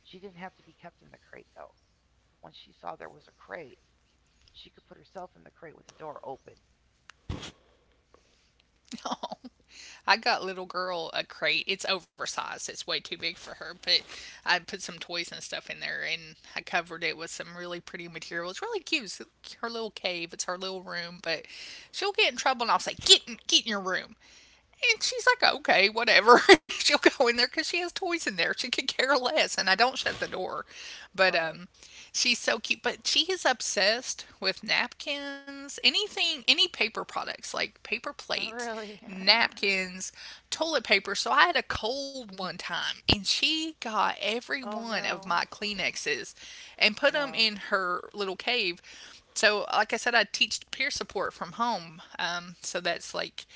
B: She didn't have to be kept in the crate though. Once she saw there was a crate, she could put herself in the crate with the door open.
A: oh. I got little girl a crate. It's oversized. It's way too big for her, but I put some toys and stuff in there and I covered it with some really pretty material. It's really cute. It's her little cave. It's her little room, but she'll get in trouble and I'll say, get in your room." And she's like, okay, whatever. She'll go in there because she has toys in there. She could care less. And I don't shut the door. But
B: Right.
A: she's so cute. But she is obsessed with napkins, anything, any paper products like paper plates,
B: Really?
A: napkins, toilet paper. So I had a cold one time and she got every
B: Oh
A: one of
B: no.
A: my Kleenexes and put them
B: Wow.
A: in her little cave. So, like I said, I teach peer support from home. So that's like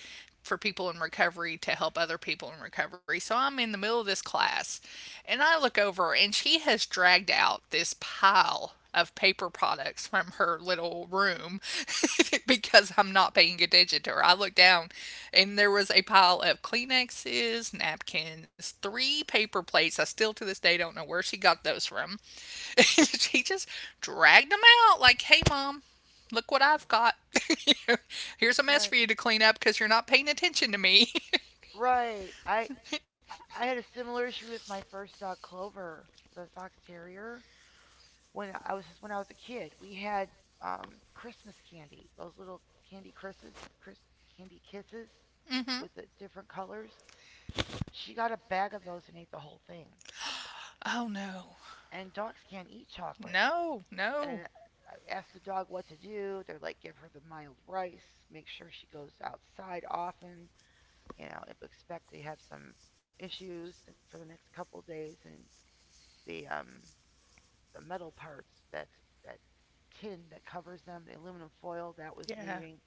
A: for people in recovery to help other people in recovery. So I'm in the middle of this class and I look over and she has dragged out this pile of paper products from her little room because I'm not paying attention to her. I looked down and there was a pile of Kleenexes, napkins, three paper plates. I still to this day don't know where she got those from. She just dragged them out like, hey, mom, look what I've got. Here's a mess for
B: Right.
A: you to clean up because you're not paying attention to me.
B: Right. I had a similar issue with my first dog Clover, the fox terrier. When I was a kid, we had Christmas candy, those little candy kisses, crisp candy kisses
A: Mm-hmm.
B: with the different colors. She got a bag of those and ate the whole thing.
A: Oh, no.
B: And dogs can't eat chocolate.
A: No,
B: And
A: no.
B: I asked the dog what to do. They're like, give her the mild rice, make sure she goes outside often, you know, expect to have some issues for the next couple days, and the um, the metal parts that tin that covers them, the aluminum foil that was
A: Yeah.
B: leaving.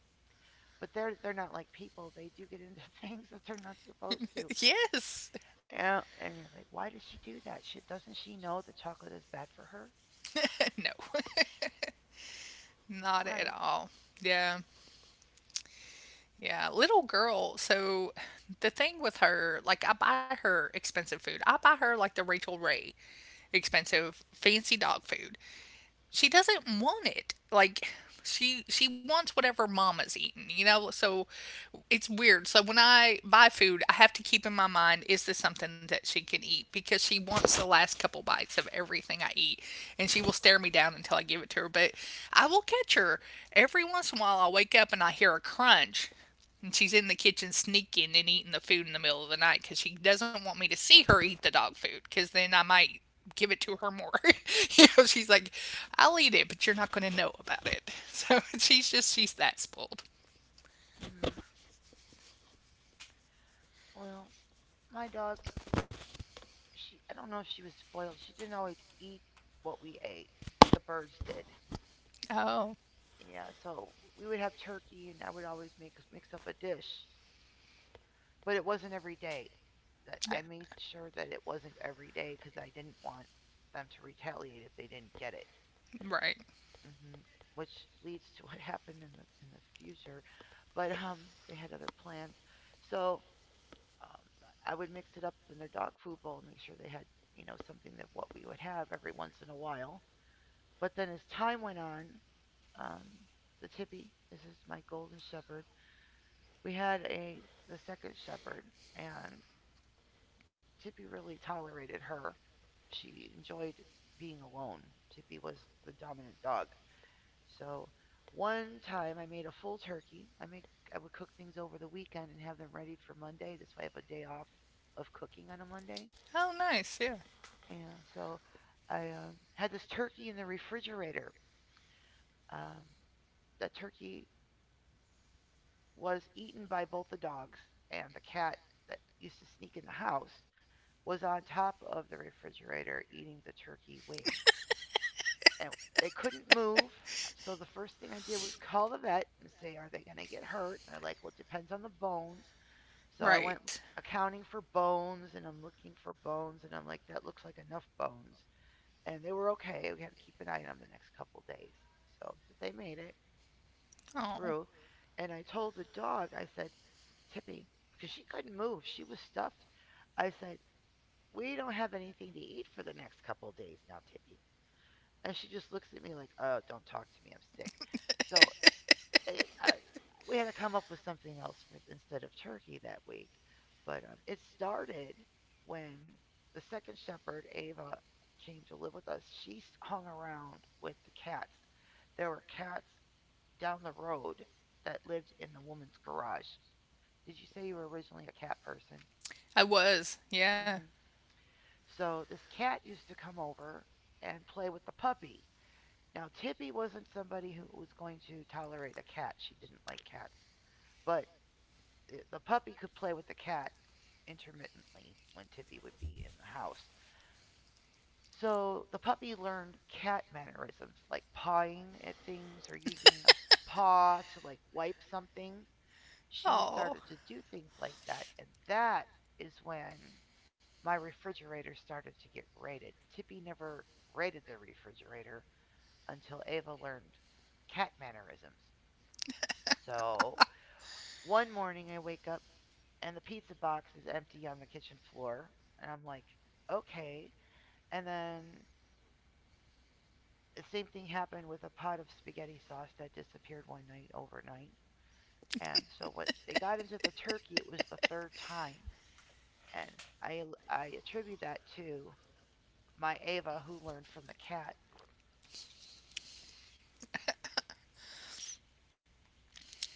B: But they're not like people. They do get into things that they're not supposed to.
A: Yes.
B: And you're like, why does she do that? She doesn't she know that chocolate is bad for her?
A: No. Not
B: Right.
A: at all. Yeah. Yeah, little girl. So the thing with her, like I buy her expensive food. I buy her like the Rachel Ray expensive fancy dog food. She doesn't want it. Like she wants whatever mama's eating, you know? So it's weird. So when I buy food, I have to keep in my mind is this something that she can eat because she wants the last couple bites of everything I eat and she will stare me down until I give it to her, but I will catch her every once in a while. I'll wake up and I hear a crunch and she's in the kitchen sneaking and eating the food in the middle of the night because she doesn't want me to see her eat the dog food because then I might give it to her more. You know, she's like, I'll eat it, but you're not going to know about it. So she's that spoiled.
B: Mm hmm. Well, my dog, she I don't know if she was spoiled. She didn't always eat what we ate, but the birds did.
A: Oh,
B: Yeah, so we would have turkey, and I would always make mix up a dish, but it wasn't every day. That I
A: yeah,
B: made sure that it wasn't every day because I didn't want them to retaliate if they didn't get it.
A: right.
B: hmm Which leads to what happened in the future, but they had other plans. So um, I would mix it up in their dog food bowl and make sure they had something of what we would have every once in a while. But then as time went on, um, the Tippy, this is my golden shepherd. We had a the second shepherd, and Tippy really tolerated her. She enjoyed being alone. Tippy was the dominant dog. So one time I made a full turkey. I would cook things over the weekend and have them ready for Monday. This way I have a day off of cooking on a Monday.
A: Oh, nice, yeah,
B: And so I had this turkey in the refrigerator. Um, that turkey was eaten by both the dogs and the cat that used to sneak in the house. Was on top of the refrigerator eating the turkey wing. And they couldn't move. So the first thing I did was call the vet and say, "Are they going to get hurt?" And they're like, "Well, it depends on the bones." So I went
A: right.
B: accounting for bones and I'm looking for bones and I'm like, "That looks like enough bones." And they were okay. We had to keep an eye on them the next couple days. So they made it
A: Oh,
B: through. And I told the dog, I said, "Tippy, because she couldn't move, she was stuffed." I said, "We don't have anything to eat for the next couple of days now, Tippy." And she just looks at me like, "Oh, don't talk to me. I'm sick." So it, uh, we had to come up with something else for, instead of turkey that week. But it started when the second shepherd, Ava, came to live with us. She hung around with the cats. There were cats down the road that lived in the woman's garage. Did you say you were originally a cat person?
A: I was, yeah.
B: hmm So this cat used to come over and play with the puppy. Now, Tippy wasn't somebody who was going to tolerate a cat. She didn't like cats. But the puppy could play with the cat intermittently when Tippy would be in the house. So the puppy learned cat mannerisms like pawing at things or using a paw to like wipe something. She
A: Oh,
B: started to do things like that. And that is when my refrigerator started to get raided. Tippy never raided the refrigerator until Ava learned cat mannerisms. So, one morning I wake up and the pizza box is empty on the kitchen floor. And I'm like, okay. And then the same thing happened with a pot of spaghetti sauce that disappeared one night overnight. And so what they got into the turkey, it was the third time. And I attribute that to my Ava who learned from the cat,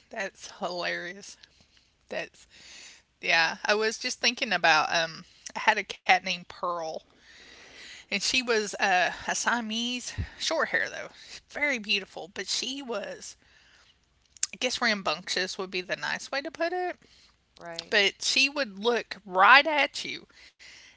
A: that's hilarious. That's Yeah. I was just thinking about, I had a cat named Pearl and she was, a Siamese, short hair though, very beautiful. But she was, I guess, rambunctious would be the nice way to put it.
B: right?
A: But she would look right at you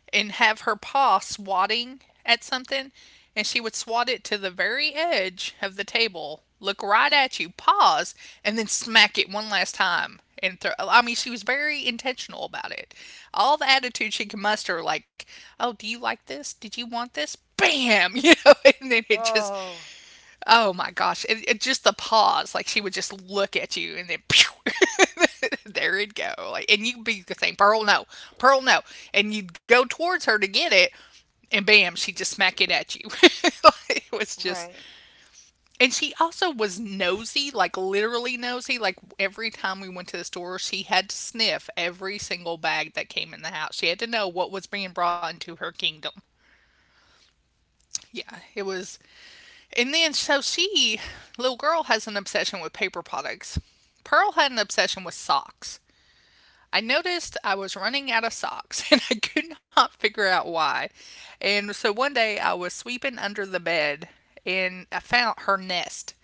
A: and have her paw swatting at something, and she would swat it to the very edge of the table, look right at you, pause, and then smack it one last time. And throw, I mean, she was very intentional about it. All the attitude she could muster, like, "Oh, do you like this? Did you want this?" Bam, you know, and then it just
B: Oh,
A: Oh my gosh! It just the pause, like she would just look at you, and then pew, there it'd go. Like, and you'd be saying, Pearl, no," and you'd go towards her to get it, and bam, she'd just smack it at you. It was just,
B: right.
A: and she also was nosy, like literally nosy. Like every time we went to the store, she had to sniff every single bag that came in the house. She had to know what was being brought into her kingdom. Yeah, it was. And then, little girl, has an obsession with paper products. Pearl had an obsession with socks. I noticed I was running out of socks and I could not figure out why. And so one day I was sweeping under the bed and I found her nest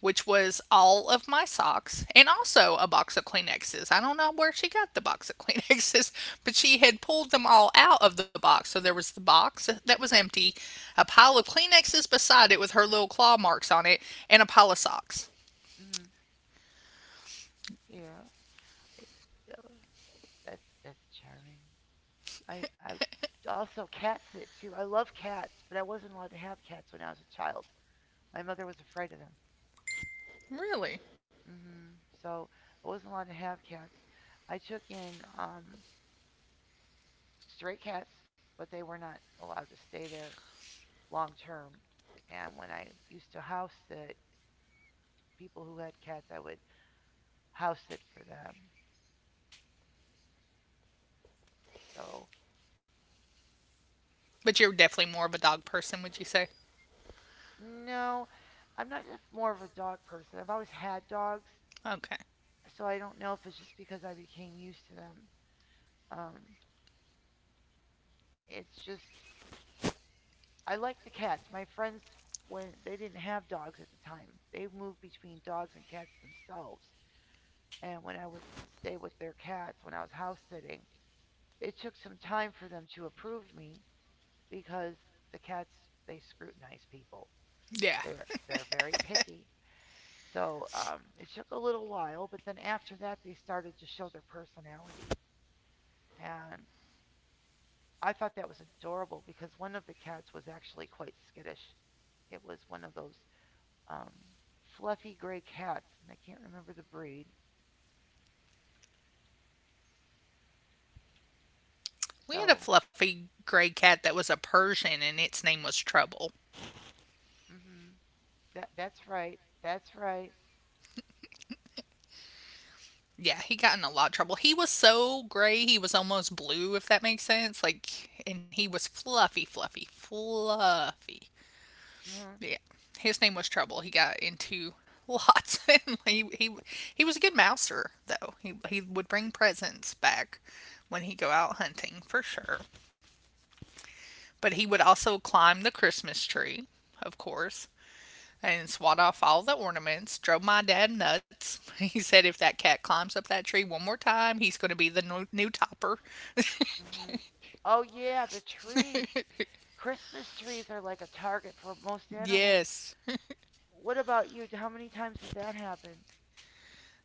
A: which was all of my socks and also a box of Kleenexes. I don't know where she got the box of Kleenexes, but she had pulled them all out of the box. So there was the box that was empty, a pile of Kleenexes beside it with her little claw marks on it, and a pile of socks.
B: Mm, yeah. It- uh, that's charming. I also cats it too. I love cats, but I wasn't allowed to have cats when I was a child. My mother was afraid of them.
A: Really?
B: hmm So I wasn't allowed to have cats. I took in stray cats, but they were not allowed to stay there long term. And when I used to house sit people who had cats, I would house sit for them. So,
A: But you're definitely more of a dog person, would you say?
B: no, I'm not just more of a dog person. I've always had dogs,
A: Okay.
B: so I don't know if it's just because I became used to them. Um, it's just I like the cats. My friends when they didn't have dogs at the time, they moved between dogs and cats themselves. And when I would stay with their cats when I was house sitting, it took some time for them to approve me because the cats they scrutinize people.
A: Yeah.
B: They're they're very picky. So it took a little while, but then after that, they started to show their personality. And I thought that was adorable because one of the cats was actually quite skittish. It was one of those um, fluffy gray cats, and I can't remember the breed.
A: We had a
B: So,
A: fluffy gray cat that was a Persian and its name was Trouble.
B: hmm that's right, that's right.
A: Yeah, he got in a lot of trouble. He was so gray, he was almost blue, if that makes sense. Like, and he was fluffy, fluffy, fluffy.
B: Hmm.
A: Yeah, his name was Trouble. He got into lots, and he was a good mouser though. He would bring presents back when he go out hunting for sure. But he would also climb the Christmas tree, of course, and swat off all the ornaments, drove my dad nuts. He said if that cat climbs up that tree one more time, he's going to be the new topper.
B: Hmm. Oh yeah, the tree. Christmas trees are like a target for most animals.
A: Yes.
B: What about you? How many times did that happen?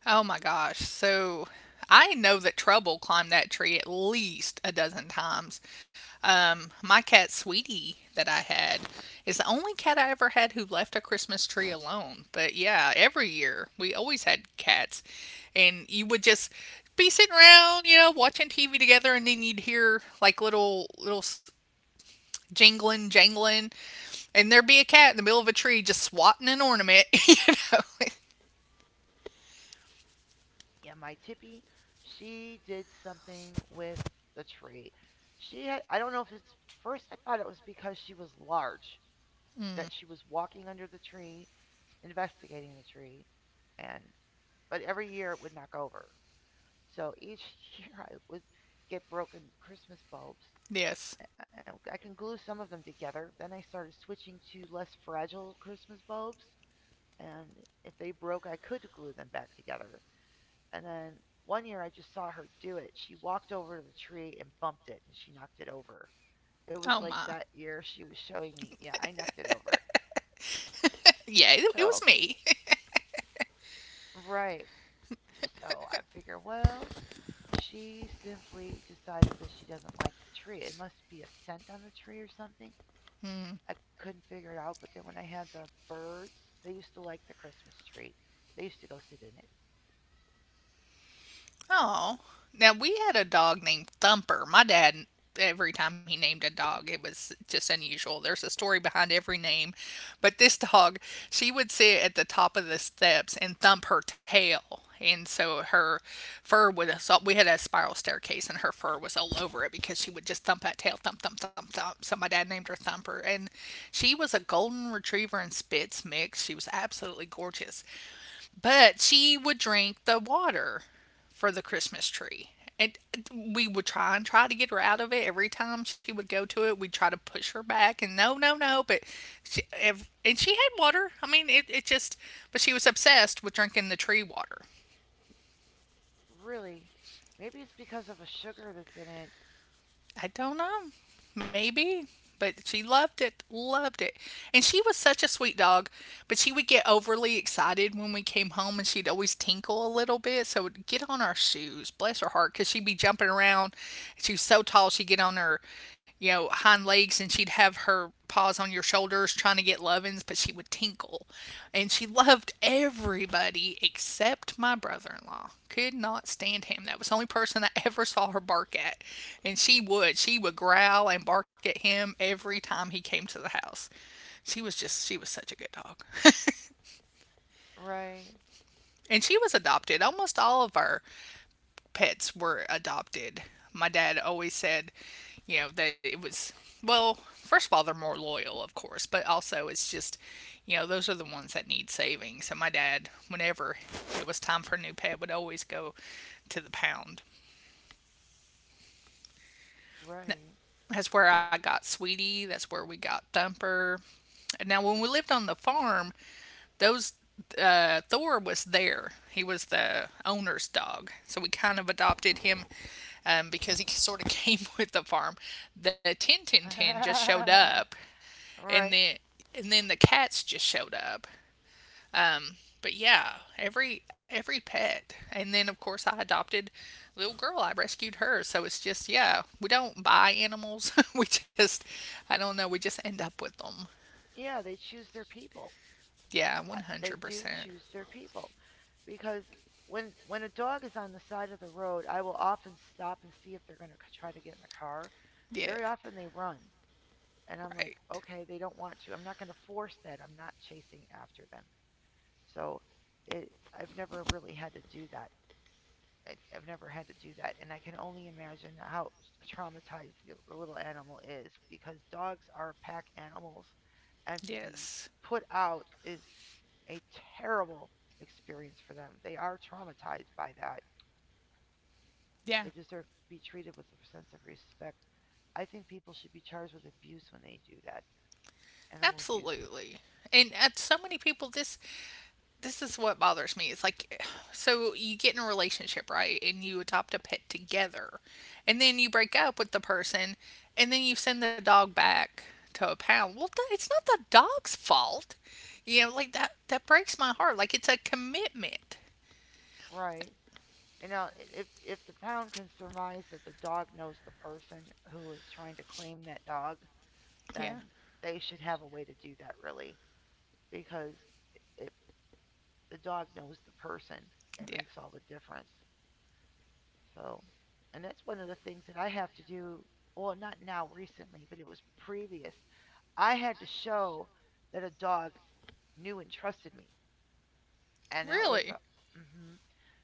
A: Oh my gosh. So I know that Trouble climbed that tree at least a dozen times. My cat Sweetie that I had is the only cat I ever had who left a Christmas tree alone. But yeah, every year we always had cats, and you would just be sitting around, you know, watching TV together, and then you'd hear like jingling, jangling, and there'd be a cat in the middle of a tree just swatting an ornament. Know,
B: Yeah, my Tippy, she did something with the tree. She had, I don't know if it's, first I thought it was because she was large,
A: Hmm.
B: that she was walking under the tree, investigating the tree, and, but every year it would knock over. So each year I would get broken Christmas bulbs.
A: Yes.
B: I, I can glue some of them together. Then I started switching to less fragile Christmas bulbs, and if they broke, I could glue them back together. And then one year I just saw her do it. She walked over to the tree and bumped it and she knocked it over. It was
A: Oh
B: like
A: my.
B: that year she was showing me, yeah, I knocked it over.
A: Yeah, it
B: So,
A: was me.
B: right. So I figure, well, she simply decided that she doesn't like the tree. It must be a scent on the tree or something. I couldn't figure it out. But then when I had the birds, they used to like the Christmas tree. They used to go sit in it.
A: Oh. Now, we had a dog named Thumper. My dad, every time he named a dog, it was just unusual. There's a story behind every name. But this dog, she would sit at the top of the steps and thump her tail. And so her fur was, we had a spiral staircase and her fur was all over it because she would just thump that tail, thump, thump, thump, thump. So my dad named her Thumper. And she was a golden retriever and spitz mix. She was absolutely gorgeous. But she would drink the water for the Christmas tree. And we would try and try to get her out of it every time she would go to it. We'd try to push her back, and no, no, no. But she, and she had water. I mean, but she was obsessed with drinking the tree water.
B: Really? Maybe it's because of a sugar that's in it.
A: I don't know. Maybe. But she loved it, loved it. And she was such a sweet dog, but she would get overly excited when we came home and she'd always tinkle a little bit. So it'd get on our shoes, bless her heart, because she'd be jumping around. She was so tall, she'd get on her, you know, hind legs and she'd have her paws on your shoulders trying to get lovin's, but she would tinkle. And she loved everybody except my brother in law. Could not stand him. That was the only person I ever saw her bark at. And she would. She would growl and bark at him every time he came to the house. She was just, she was such a good dog.
B: Right,
A: And she was adopted. Almost all of our pets were adopted. My dad always said, you know, that it was, well, first of all, they're more loyal, of course, but also it's just, you know, those are the ones that need saving. So my dad, whenever it was time for a new pet, would always go to the pound.
B: right.
A: That's where I got Sweetie. That's where we got Thumper. And now, when we lived on the farm, those Thor was there. He was the owner's dog, so we kind of adopted him because he sort of came with the farm. The ten just showed up, and
B: Right.
A: then and then the cats just showed up, but yeah, every pet, and then of course I adopted a little girl. I rescued her, so it's just yeah, we don't buy animals. We just, I don't know, we just end up with them.
B: Yeah, they choose their people.
A: Yeah, one hundred
B: They do
A: percent.
B: choose their people because when a dog is on the side of the road, I will often stop and see if they're going to try to get in the car.
A: Yeah,
B: Very often they run, and I'm like,
A: right.
B: "Okay, they don't want to. I'm not going to force that. I'm not chasing after them." So, it I've never really had to do that. I've never had to do that, and I can only imagine how traumatized the little animal is because dogs are pack animals, and to be
A: Yes.
B: put out is a terrible experience for them. They are traumatized by that.
A: Yeah,
B: They deserve to be treated with a sense of respect. I think people should be charged with abuse when they do that. Animal abuse.
A: absolutely. And so many people this is what bothers me. It's like, so you get in a relationship, right? And you adopt a pet together. And then you break up with the person. And then you send the dog back to a pound. Well, it's not the dog's fault. You know, like that breaks my heart. Like it's a commitment.
B: Right. And now, if the pound can surmise that the dog knows the person who is trying to claim that dog,
A: Yeah.
B: then they should have a way to do that, really, because if the dog knows the person, it
A: Yeah.
B: makes all the difference. So, and that's one of the things that I have to do. Well, not now recently, but it was previous. I had to show that a dog knew and trusted me, and that was
A: Really?
B: a, hmm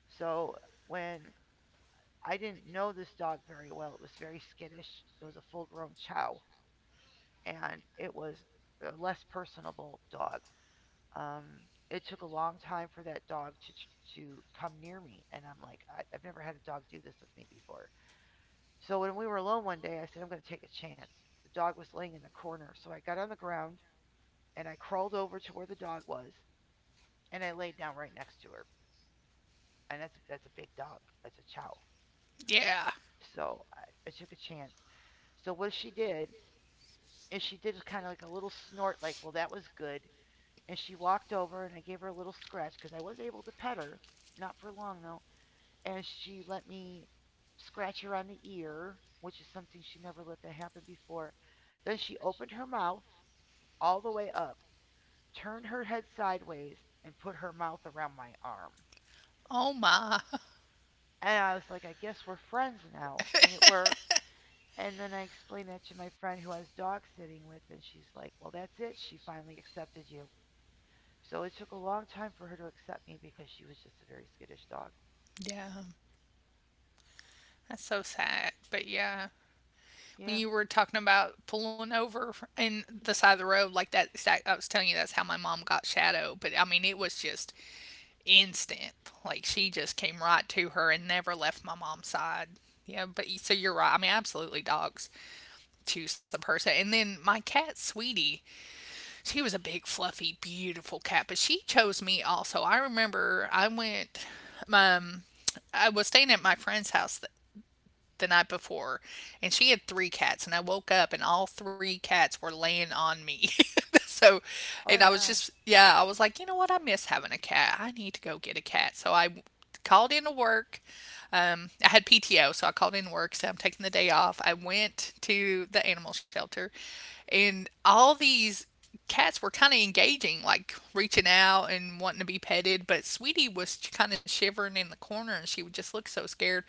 B: so when I didn't know this dog very well, it was very skittish. It was a full grown chow, and it was a less personable dog. Um, it took a long time for that dog to come near me, and I'm like, I've never had a dog do this with me before. So when we were alone one day, I said I'm going to take a chance. The dog was laying in the corner, so I got on the ground and I crawled over to where the dog was, and I laid down right next to her. And that's a big dog. That's a chow.
A: Yeah.
B: So I took a chance. So what she did is she did kind of like a little snort, like, well, that was good. And she walked over and I gave her a little scratch because I was able to pet her. Not for long though. And she let me scratch her on the ear, which is something she never let that happen before. Then she opened her mouth all the way up, turned her head sideways, and put her mouth around my arm.
A: Oh my.
B: And I was like, I guess we're friends now. And it worked. And then I explained that to my friend who I was dog sitting with, and she's like, "Well, that's it. She finally accepted you." So it took a long time for her to accept me because she was just a very skittish dog.
A: Yeah. That's so sad. But yeah. When
B: Yeah.
A: you were talking about pulling over in the side of the road, like that exact, I was telling you that's how my mom got Shadow. But I mean, it was just instant, like she just came right to her and never left my mom's side. Yeah, but so you're right, I mean absolutely dogs choose the person. And then my cat Sweetie, she was a big fluffy beautiful cat, but she chose me also. I remember I went, um I was staying at my friend's house the night before, and she had three cats, and I woke up and all three cats were laying on me. So, and
B: Oh,
A: I was
B: yeah.
A: just yeah, I was like, you know what? I miss having a cat. I need to go get a cat. So I called in to work. I had PTO, so I called in to work. So I'm taking the day off. I went to the animal shelter, and all these cats were kind of engaging, like reaching out and wanting to be petted. But Sweetie was kind of shivering in the corner, and she would just look so scared.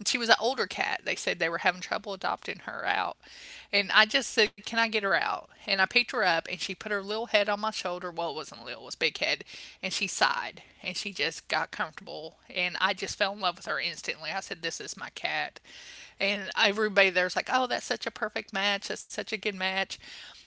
A: And she was an older cat. They said they were having trouble adopting her out. And I just said, can I get her out? And I picked her up and she put her little head on my shoulder. Well, it wasn't little, it was big head. And she sighed and she just got comfortable. And I just fell in love with her instantly. I said, this is my cat. And everybody there's like, oh, that's such a perfect match. That's such a good match.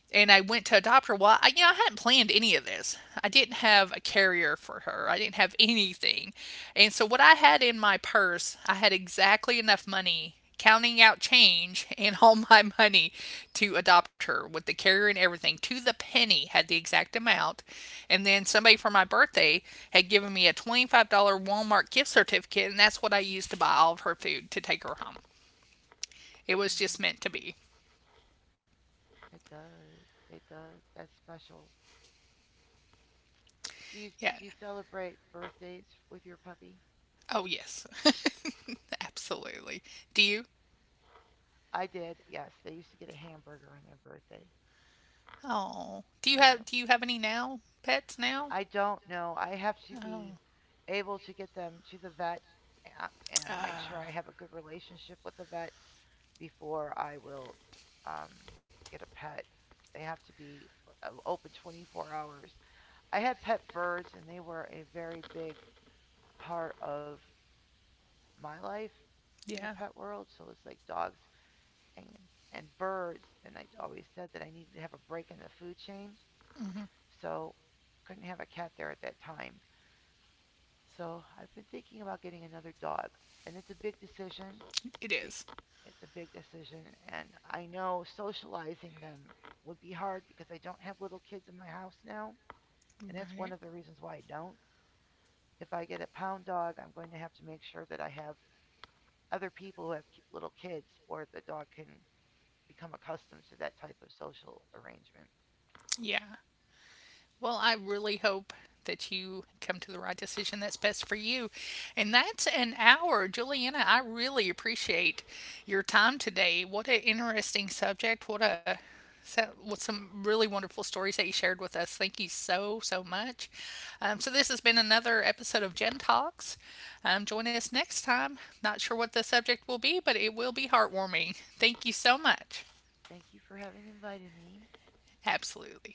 A: And I went to adopt her. Well, I, you know, I hadn't planned any of this. I didn't have a carrier for her. I didn't have anything. And so what I had in my purse, I had exactly enough money, counting out change and all my money to adopt her with the carrier and everything to the penny had the exact amount. And then somebody for my birthday had given me a $25 Walmart gift certificate, and that's what I used to buy all of her food to take her home. It was just
B: hmm
A: meant to be.
B: It does. It does. That's special. Do you
A: Yeah.
B: do you celebrate birthdays with your puppy?
A: Oh yes. Absolutely. Do you?
B: I did. Yes, they used to get a hamburger on their birthday.
A: Oh.
B: You know,
A: Do you have any now? Pets now?
B: I don't know. I have to
A: Oh.
B: be able to get them to the vet and make sure I
A: Uh,
B: have a good relationship with the vet before I will um, get a pet. They have to be open 24 hours. I had pet birds, and they were a very big part of my life in the
A: yeah,
B: pet world. So it's like dogs and birds. And I always said that I needed to have a break in the food chain. So couldn't have a cat there at that time. So I've been thinking about getting another dog, and it's a big decision.
A: it is.
B: It's a big decision, and I know socializing them would be hard because I don't have little kids in my house now, and that's one
A: Right.
B: of the reasons why I don't. If I get a pound dog, I'm going to have to make sure that I have other people who have little kids or the dog can become accustomed to that type of social arrangement.
A: Yeah. Well, I really hope that you come to the right decision that's best for you. And that's an hour. Juliana, I really appreciate your time today. What an interesting subject. What a so, with some really wonderful stories that you shared with us. Thank you so, so much. So, this has been another episode of Gen Talks. Join us next time. Not sure what the subject will be, but it will be heartwarming. Thank you so much.
B: Thank you for having invited me.
A: Absolutely.